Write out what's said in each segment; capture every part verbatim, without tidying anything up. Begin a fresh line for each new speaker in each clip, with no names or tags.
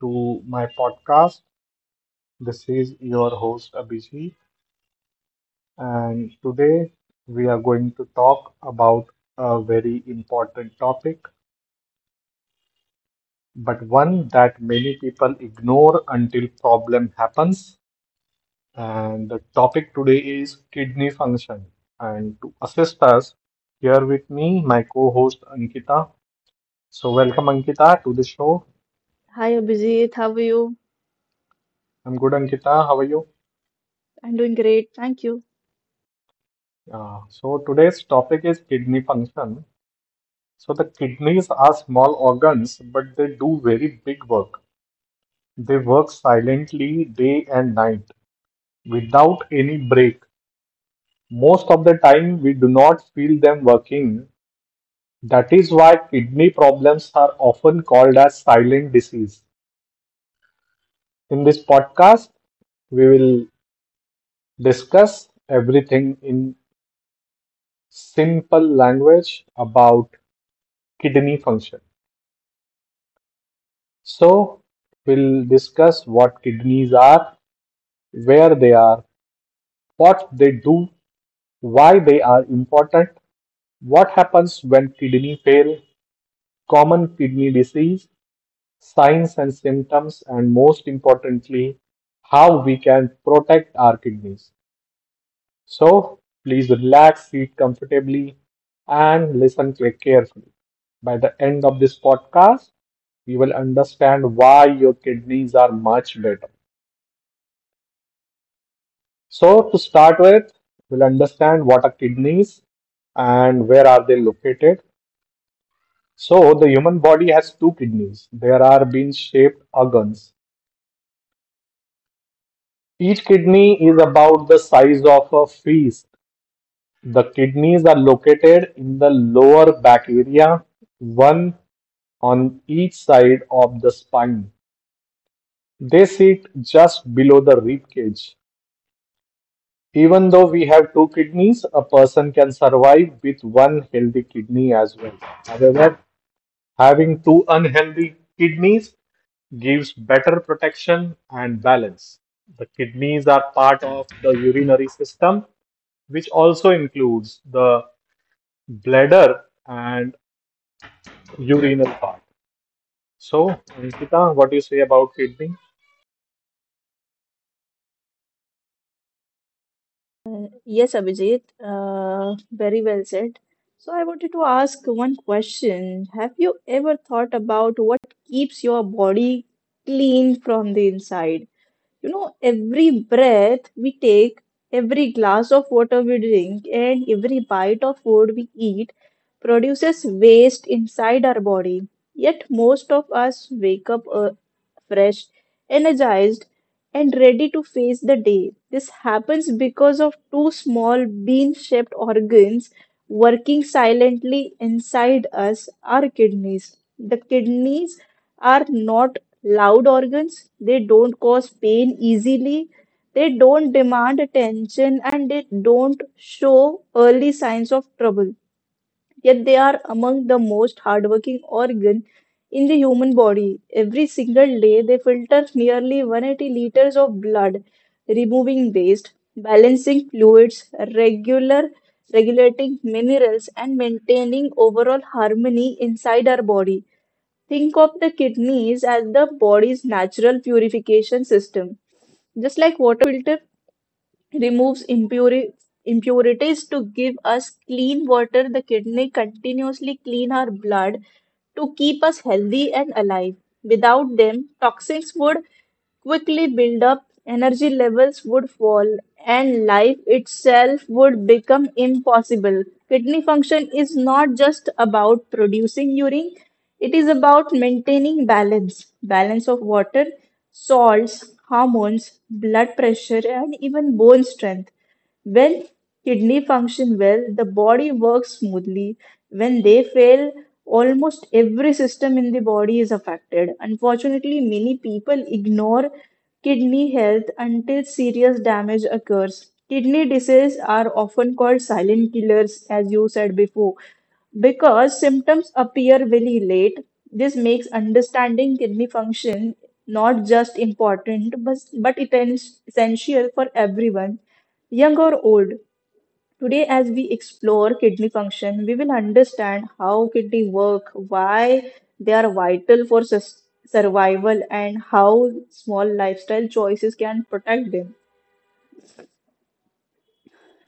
to my podcast. This is your host, Abhijit, and today we are going to talk about a very important topic, but one that many people ignore until problem happens. And the topic today is kidney function. And to assist us, here with me, my co-host Ankita. So welcome, Ankita, to the show.
Hi Abhijit, how are you?
I'm good, Ankita. How are you?
I'm doing great, thank you.
Uh, so today's topic is kidney function. So the kidneys are small organs, but they do very big work. They work silently day and night without any break. Most of the time, we do not feel them working. That is why kidney problems are often called as silent disease. In this podcast, we will discuss everything in simple language about kidney function. So, we'll discuss what kidneys are, where they are, what they do, why they are important, what happens when kidney fail, common kidney disease, signs and symptoms, and most importantly, how we can protect our kidneys. So, please relax, sit comfortably, and listen carefully. By the end of this podcast, you will understand why your kidneys are much better. So, to start with, we'll understand what are kidneys and where are they located. So, the human body has two kidneys. There are bean shaped organs. Each kidney is about the size of a fist. The kidneys are located in the lower back area, one on each side of the spine. They sit just below the rib cage. Even though we have two kidneys, a person can survive with one healthy kidney as well. However, having two unhealthy kidneys gives better protection and balance. The kidneys are part of the urinary system, which also includes the bladder and urinal part. So, Ankita, what do you say about kidney?
Uh, Yes, Abhijit, uh, very well said. So, I wanted to ask one question. Have you ever thought about what keeps your body clean from the inside? You know, every breath we take, every glass of water we drink, and every bite of food we eat produces waste inside our body. Yet, most of us wake up uh, fresh, energized, and ready to face the day. This happens because of two small bean shaped organs working silently inside us, our kidneys. The kidneys are not loud organs. They don't cause pain easily, they don't demand attention, and they don't show early signs of trouble. Yet they are among the most hardworking organ in the human body. Every single day, they filter nearly one hundred eighty liters of blood, removing waste, balancing fluids, regular regulating minerals, and maintaining overall harmony inside our body. Think of the kidneys as the body's natural purification system. Just like water filter removes impuri- impurities to give us clean water, the kidney continuously clean our blood to keep us healthy and alive. Without them, toxins would quickly build up, energy levels would fall, and life itself would become impossible. Kidney function is not just about producing urine, it is about maintaining balance, balance of water, salts, hormones, blood pressure, and even bone strength. When kidney function well, the body works smoothly. When they fail, almost every system in the body is affected. Unfortunately, many people ignore kidney health until serious damage occurs. Kidney diseases are often called silent killers, as you said before, because symptoms appear very late. This makes understanding kidney function not just important, but, but it is essential for everyone, young or old. Today, as we explore kidney function, we will understand how kidney work, why they are vital for sus- survival, and how small lifestyle choices can protect them.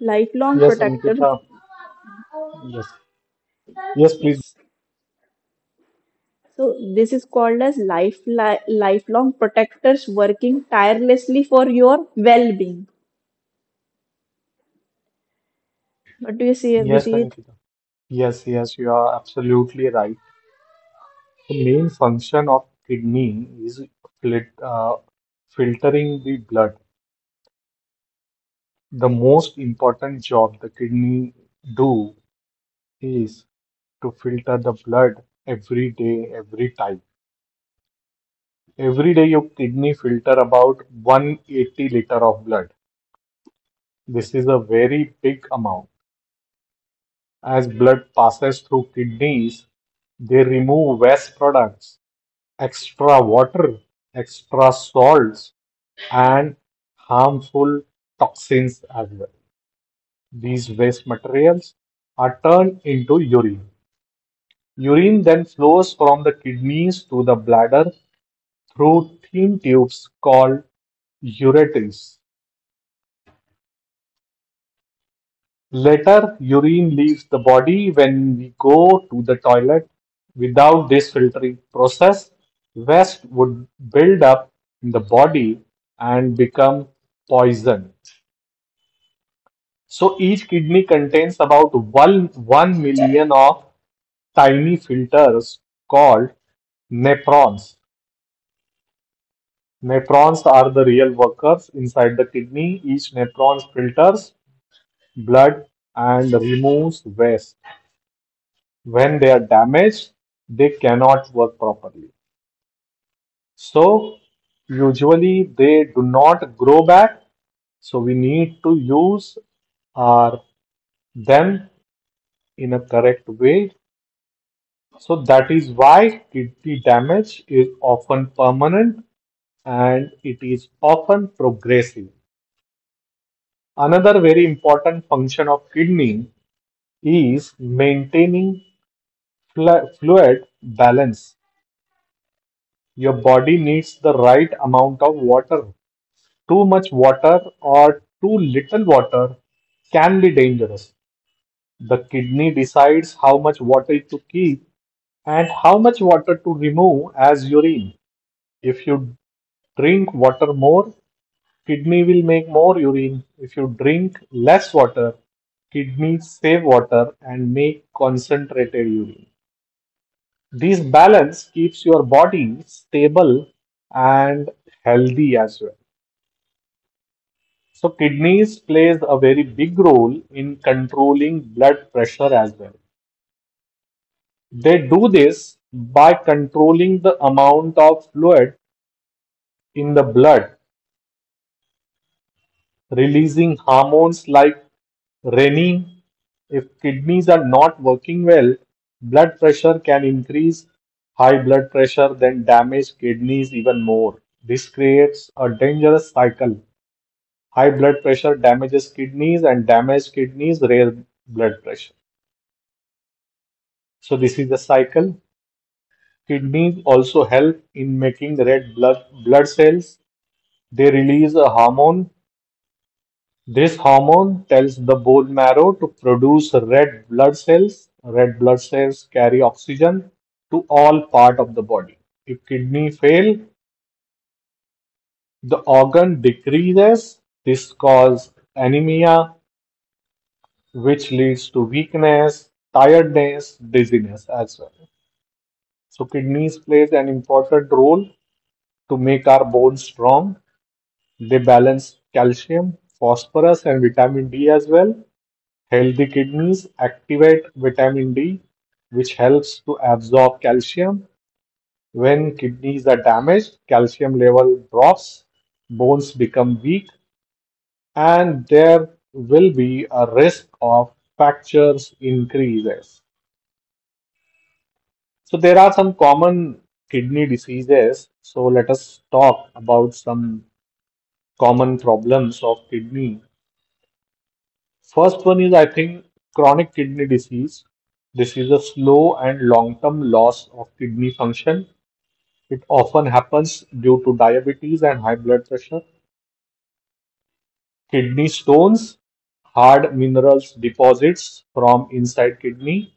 Lifelong
Yes,
protector,
Ankita. Yes. Yes, please.
yes. So this is called as life li- lifelong protectors working tirelessly for your well-being. What do you say,
Yes,
Vijit?
Ankita. Yes, yes, you are absolutely right. The main function of kidney is flit, uh, filtering the blood. The most important job the kidney do is to filter the blood every day, every time. Every day your kidney filter about one hundred eighty liter of blood. This is a very big amount. As blood passes through kidneys, they remove waste products, extra water, extra salts, and harmful toxins as well. These waste materials are turned into urine. Urine then flows from the kidneys to the bladder through thin tubes called ureters. Later, urine leaves the body when we go to the toilet. Without this filtering process, waste would build up in the body and become poison. So each kidney contains about 1, 1 million of tiny filters called nephrons. Nephrons are the real workers inside the kidney. Each nephron filters blood and removes waste. When they are damaged, they cannot work properly. So usually they do not grow back. So we need to use our them in a correct way. So that is why kidney damage is often permanent and it is often progressive. Another very important function of kidney is maintaining fluid balance. Your body needs the right amount of water. Too much water or too little water can be dangerous. The kidney decides how much water to keep and how much water to remove as urine. If you drink water more, kidney will make more urine. If you drink less water, kidneys save water and make concentrated urine. This balance keeps your body stable and healthy as well. So kidneys plays a very big role in controlling blood pressure as well. They do this by controlling the amount of fluid in the blood, releasing hormones like renin. If kidneys are not working well, blood pressure can increase. High blood pressure then damage kidneys even more. This creates a dangerous cycle. High blood pressure damages kidneys and damaged kidneys raise blood pressure. So this is the cycle. Kidneys also help in making red blood blood cells. They release a hormone. This hormone tells the bone marrow to produce red blood cells. Red blood cells carry oxygen to all part of the body. If kidney fail, the organ decreases. This causes anemia, which leads to weakness, tiredness, dizziness as well. So kidneys plays an important role to make our bones strong. They balance calcium, phosphorus, and vitamin D as well. Healthy kidneys activate vitamin D, which helps to absorb calcium. When kidneys are damaged, calcium level drops, bones become weak, and there will be a risk of fractures increases. So there are some common kidney diseases. So let us talk about some common problems of kidney. First one is, I think, chronic kidney disease. This is a slow and long-term loss of kidney function. It often happens due to diabetes and high blood pressure, kidney stones, hard minerals deposits from inside kidney.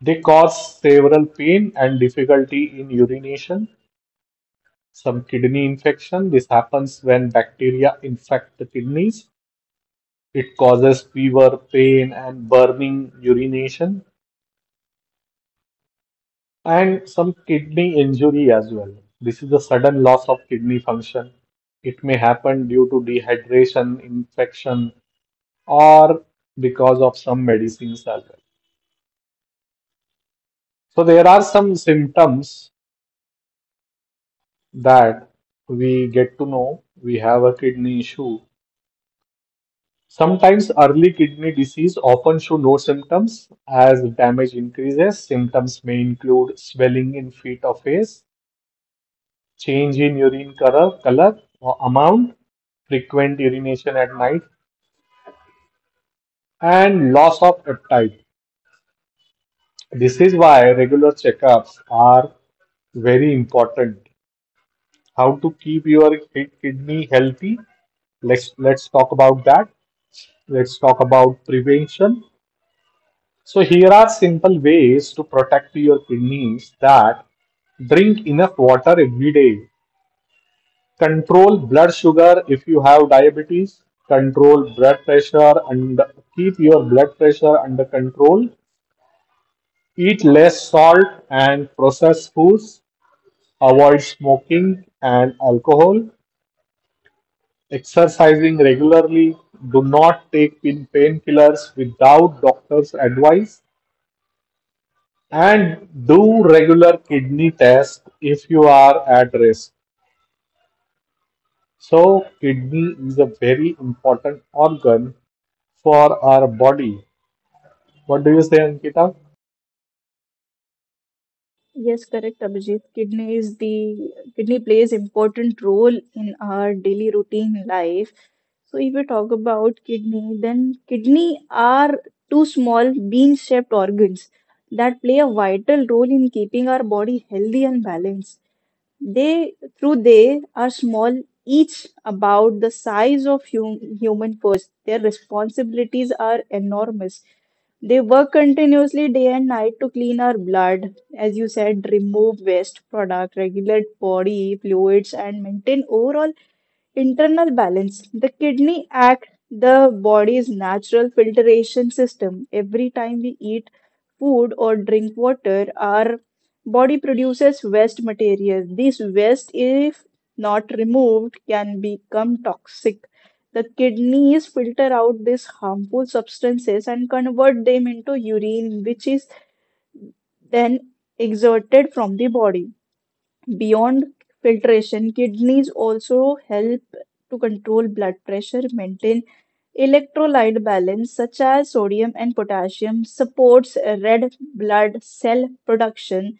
They cause several pain and difficulty in urination, some kidney infection. This happens when bacteria infect the kidneys. It causes fever, pain, and burning urination, and some kidney injury as well. This is a sudden loss of kidney function. It may happen due to dehydration, infection, or because of some medicines as well. So, there are some symptoms that we get to know we have a kidney issue. Sometimes early kidney disease often show no symptoms as damage increases. Symptoms may include swelling in feet or face, change in urine color, color or amount, frequent urination at night, and loss of appetite. This is why regular checkups are very important. How to keep your kidney healthy? Let's let's talk about that. Let's talk about prevention. So here are simple ways to protect your kidneys. That drink enough water every day, control blood sugar if you have diabetes, control blood pressure and keep your blood pressure under control, eat less salt and processed foods, avoid smoking and alcohol, exercising regularly, do not take painkillers without doctor's advice, and do regular kidney tests if you are at risk. So kidney is a very important organ for our body. What do you say, Ankita?
Yes, correct, Abhijit. Kidney is the kidney plays important role in our daily routine life. So if we talk about kidney, then kidney are two small bean-shaped organs that play a vital role in keeping our body healthy and balanced. They through they are small, each about the size of hum, human purse, their responsibilities are enormous. They work continuously day and night to clean our blood, as you said, remove waste product, regulate body fluids, and maintain overall internal balance. The kidney act the body's natural filtration system. Every time we eat food or drink water, our body produces waste material. This waste, if not removed, can become toxic. The kidneys filter out these harmful substances and convert them into urine, which is then exerted from the body. Beyond filtration, kidneys also help to control blood pressure, maintain electrolyte balance such as sodium and potassium, supports red blood cell production,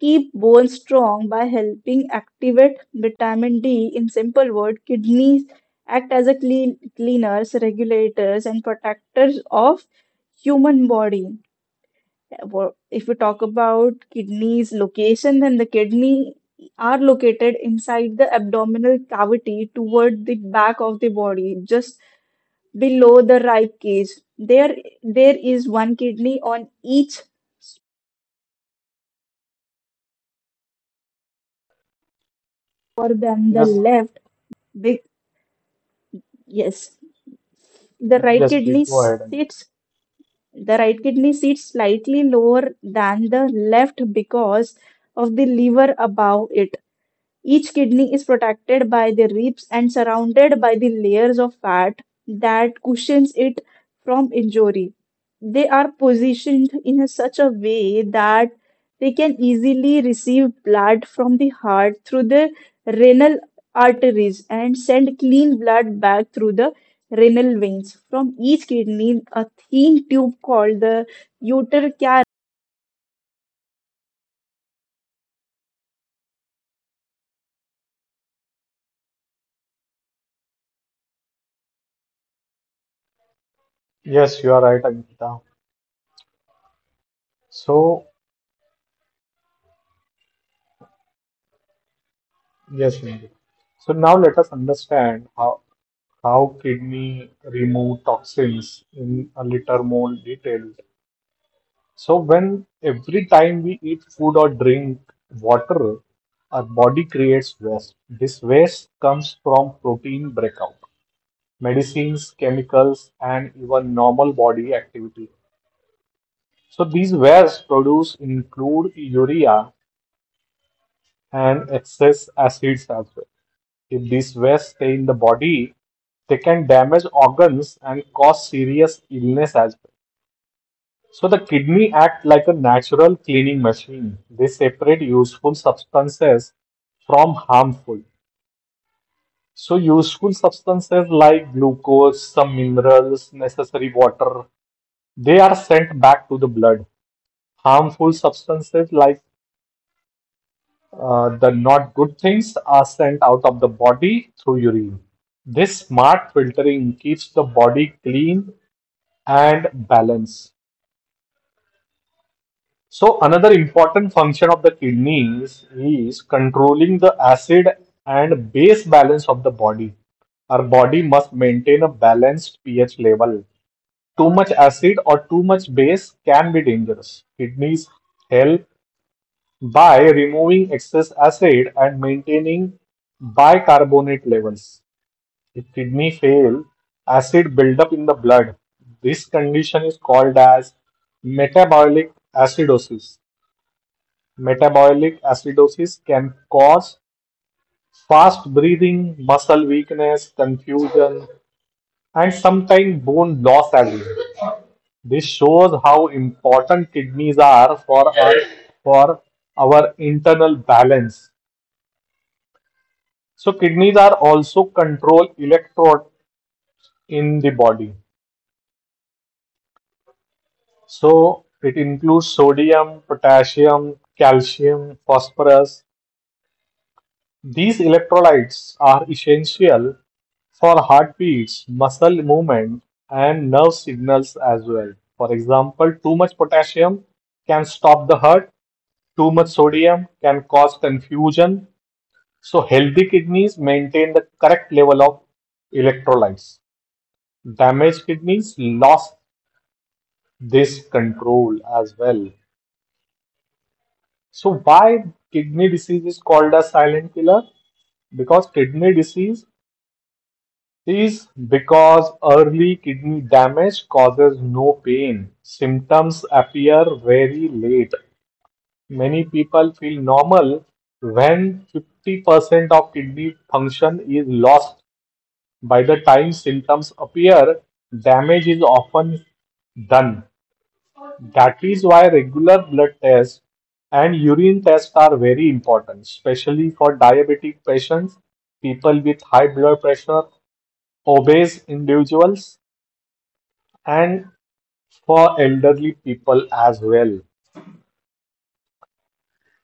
keep bones strong by helping activate vitamin D. In simple words, kidneys act as a clean, cleaners, regulators, and protectors of human body. Wo- If we talk about kidneys location, then the kidney are located inside the abdominal cavity toward the back of the body, just below the rib cage. There, there is one kidney on each
More than the
Yes,
left. Big yes, the right
yes, please
kidney
go ahead. Ankita.
sits the right kidney sits slightly lower than the left because of the liver above it. Each kidney is protected by the ribs and surrounded by the layers of fat that cushions it from injury. They are positioned in a- such a way that they can easily receive blood from the heart through the renal arteries and send clean blood back through the renal veins. From each kidney, a thin tube called the uterus
Yes, you are right, Ankita. So, yes, Ankita. So now let us understand how how kidney remove toxins in a little more detail. So when every time we eat food or drink water, our body creates waste. This waste comes from protein breakout, medicines, chemicals, and even normal body activity. So these waste produce include urea and excess acids as well. If these wastes stay in the body, they can damage organs and cause serious illness as well. So the kidney act like a natural cleaning machine. They separate useful substances from harmful. So useful substances like glucose, some minerals, necessary water, they are sent back to the blood. Harmful substances like uh, the not good things are sent out of the body through urine. This smart filtering keeps the body clean and balanced. So, another important function of the kidneys is controlling the acid and base balance of the body. Our body must maintain a balanced pH level. Too much acid or too much base can be dangerous. Kidneys help by removing excess acid and maintaining bicarbonate levels. If kidney fail, acid build-up in the blood. This condition is called as metabolic acidosis. Metabolic acidosis can cause fast breathing, muscle weakness, confusion, and sometimes bone loss as well. This shows how important kidneys are for our, for our internal balance. So kidneys are also control electrode in the body. So it includes sodium, potassium, calcium, phosphorus. These electrolytes are essential for heartbeats, muscle movement, and nerve signals as well. For example, too much potassium can stop the heart, too much sodium can cause confusion. So, healthy kidneys maintain the correct level of electrolytes. Damaged kidneys lost this control as well. So why kidney disease is called a silent killer? Because kidney disease is because early kidney damage causes no pain. Symptoms appear very late. Many people feel normal when fifty percent of kidney function is lost. By the time symptoms appear, damage is often done. That is why regular blood tests and urine tests are very important, especially for diabetic patients, people with high blood pressure, obese individuals, and for elderly people as well.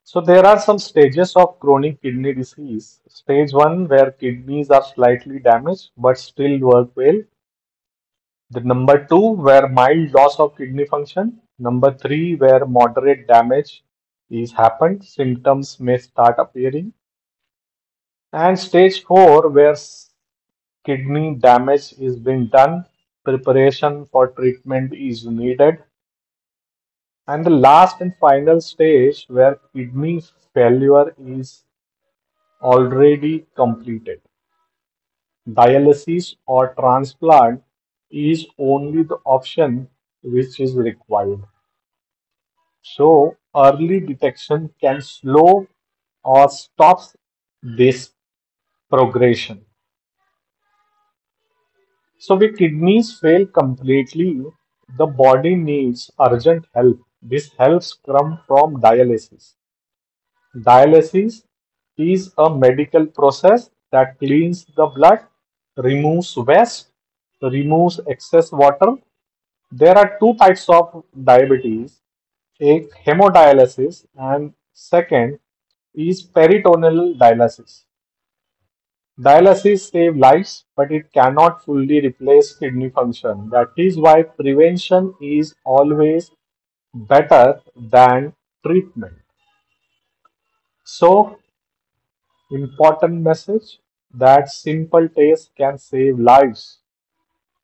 So, there are some stages of chronic kidney disease. Stage one, where kidneys are slightly damaged but still work well. The number two, where mild loss of kidney function. Number three, where moderate damage is happened, symptoms may start appearing. And stage four, where kidney damage is being done, preparation for treatment is needed. And the last and final stage, where kidney failure is already completed. Dialysis or transplant is only the option which is required. So early detection can slow or stops this progression. So when kidneys fail completely, the body needs urgent help. This helps come from dialysis. Dialysis is a medical process that cleans the blood, removes waste, removes excess water. There are two types of diabetes एक hemodialysis and second is peritoneal dialysis. Dialysis saves lives, but it cannot fully replace kidney function. That is why prevention is always better than treatment. So, important message that simple tests can save lives.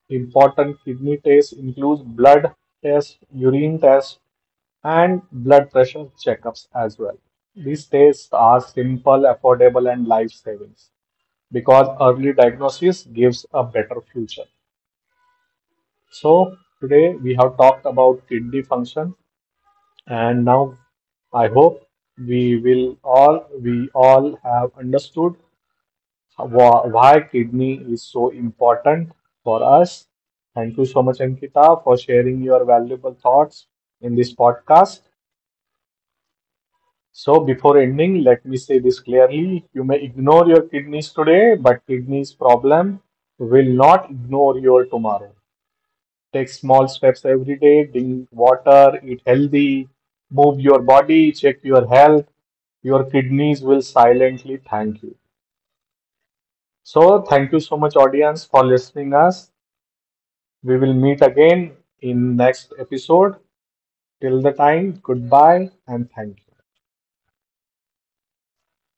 Important kidney tests include blood tests, urine tests, and blood pressure checkups as well. These tests are simple, affordable, and life savings because early diagnosis gives a better future. So, today we have talked about kidney function, and now I hope we will all we all have understood wha- why kidney is so important for us. Thank you so much, Ankita, for sharing your valuable thoughts in this podcast. So, before ending, let me say this clearly. You may ignore your kidneys today, but kidneys problem will not ignore your tomorrow. Take small steps every day, drink water, eat healthy, move your body, check your health. Your kidneys will silently thank you. So, thank you so much audience for listening us. We will meet again in next episode. Till the time, goodbye and thank you.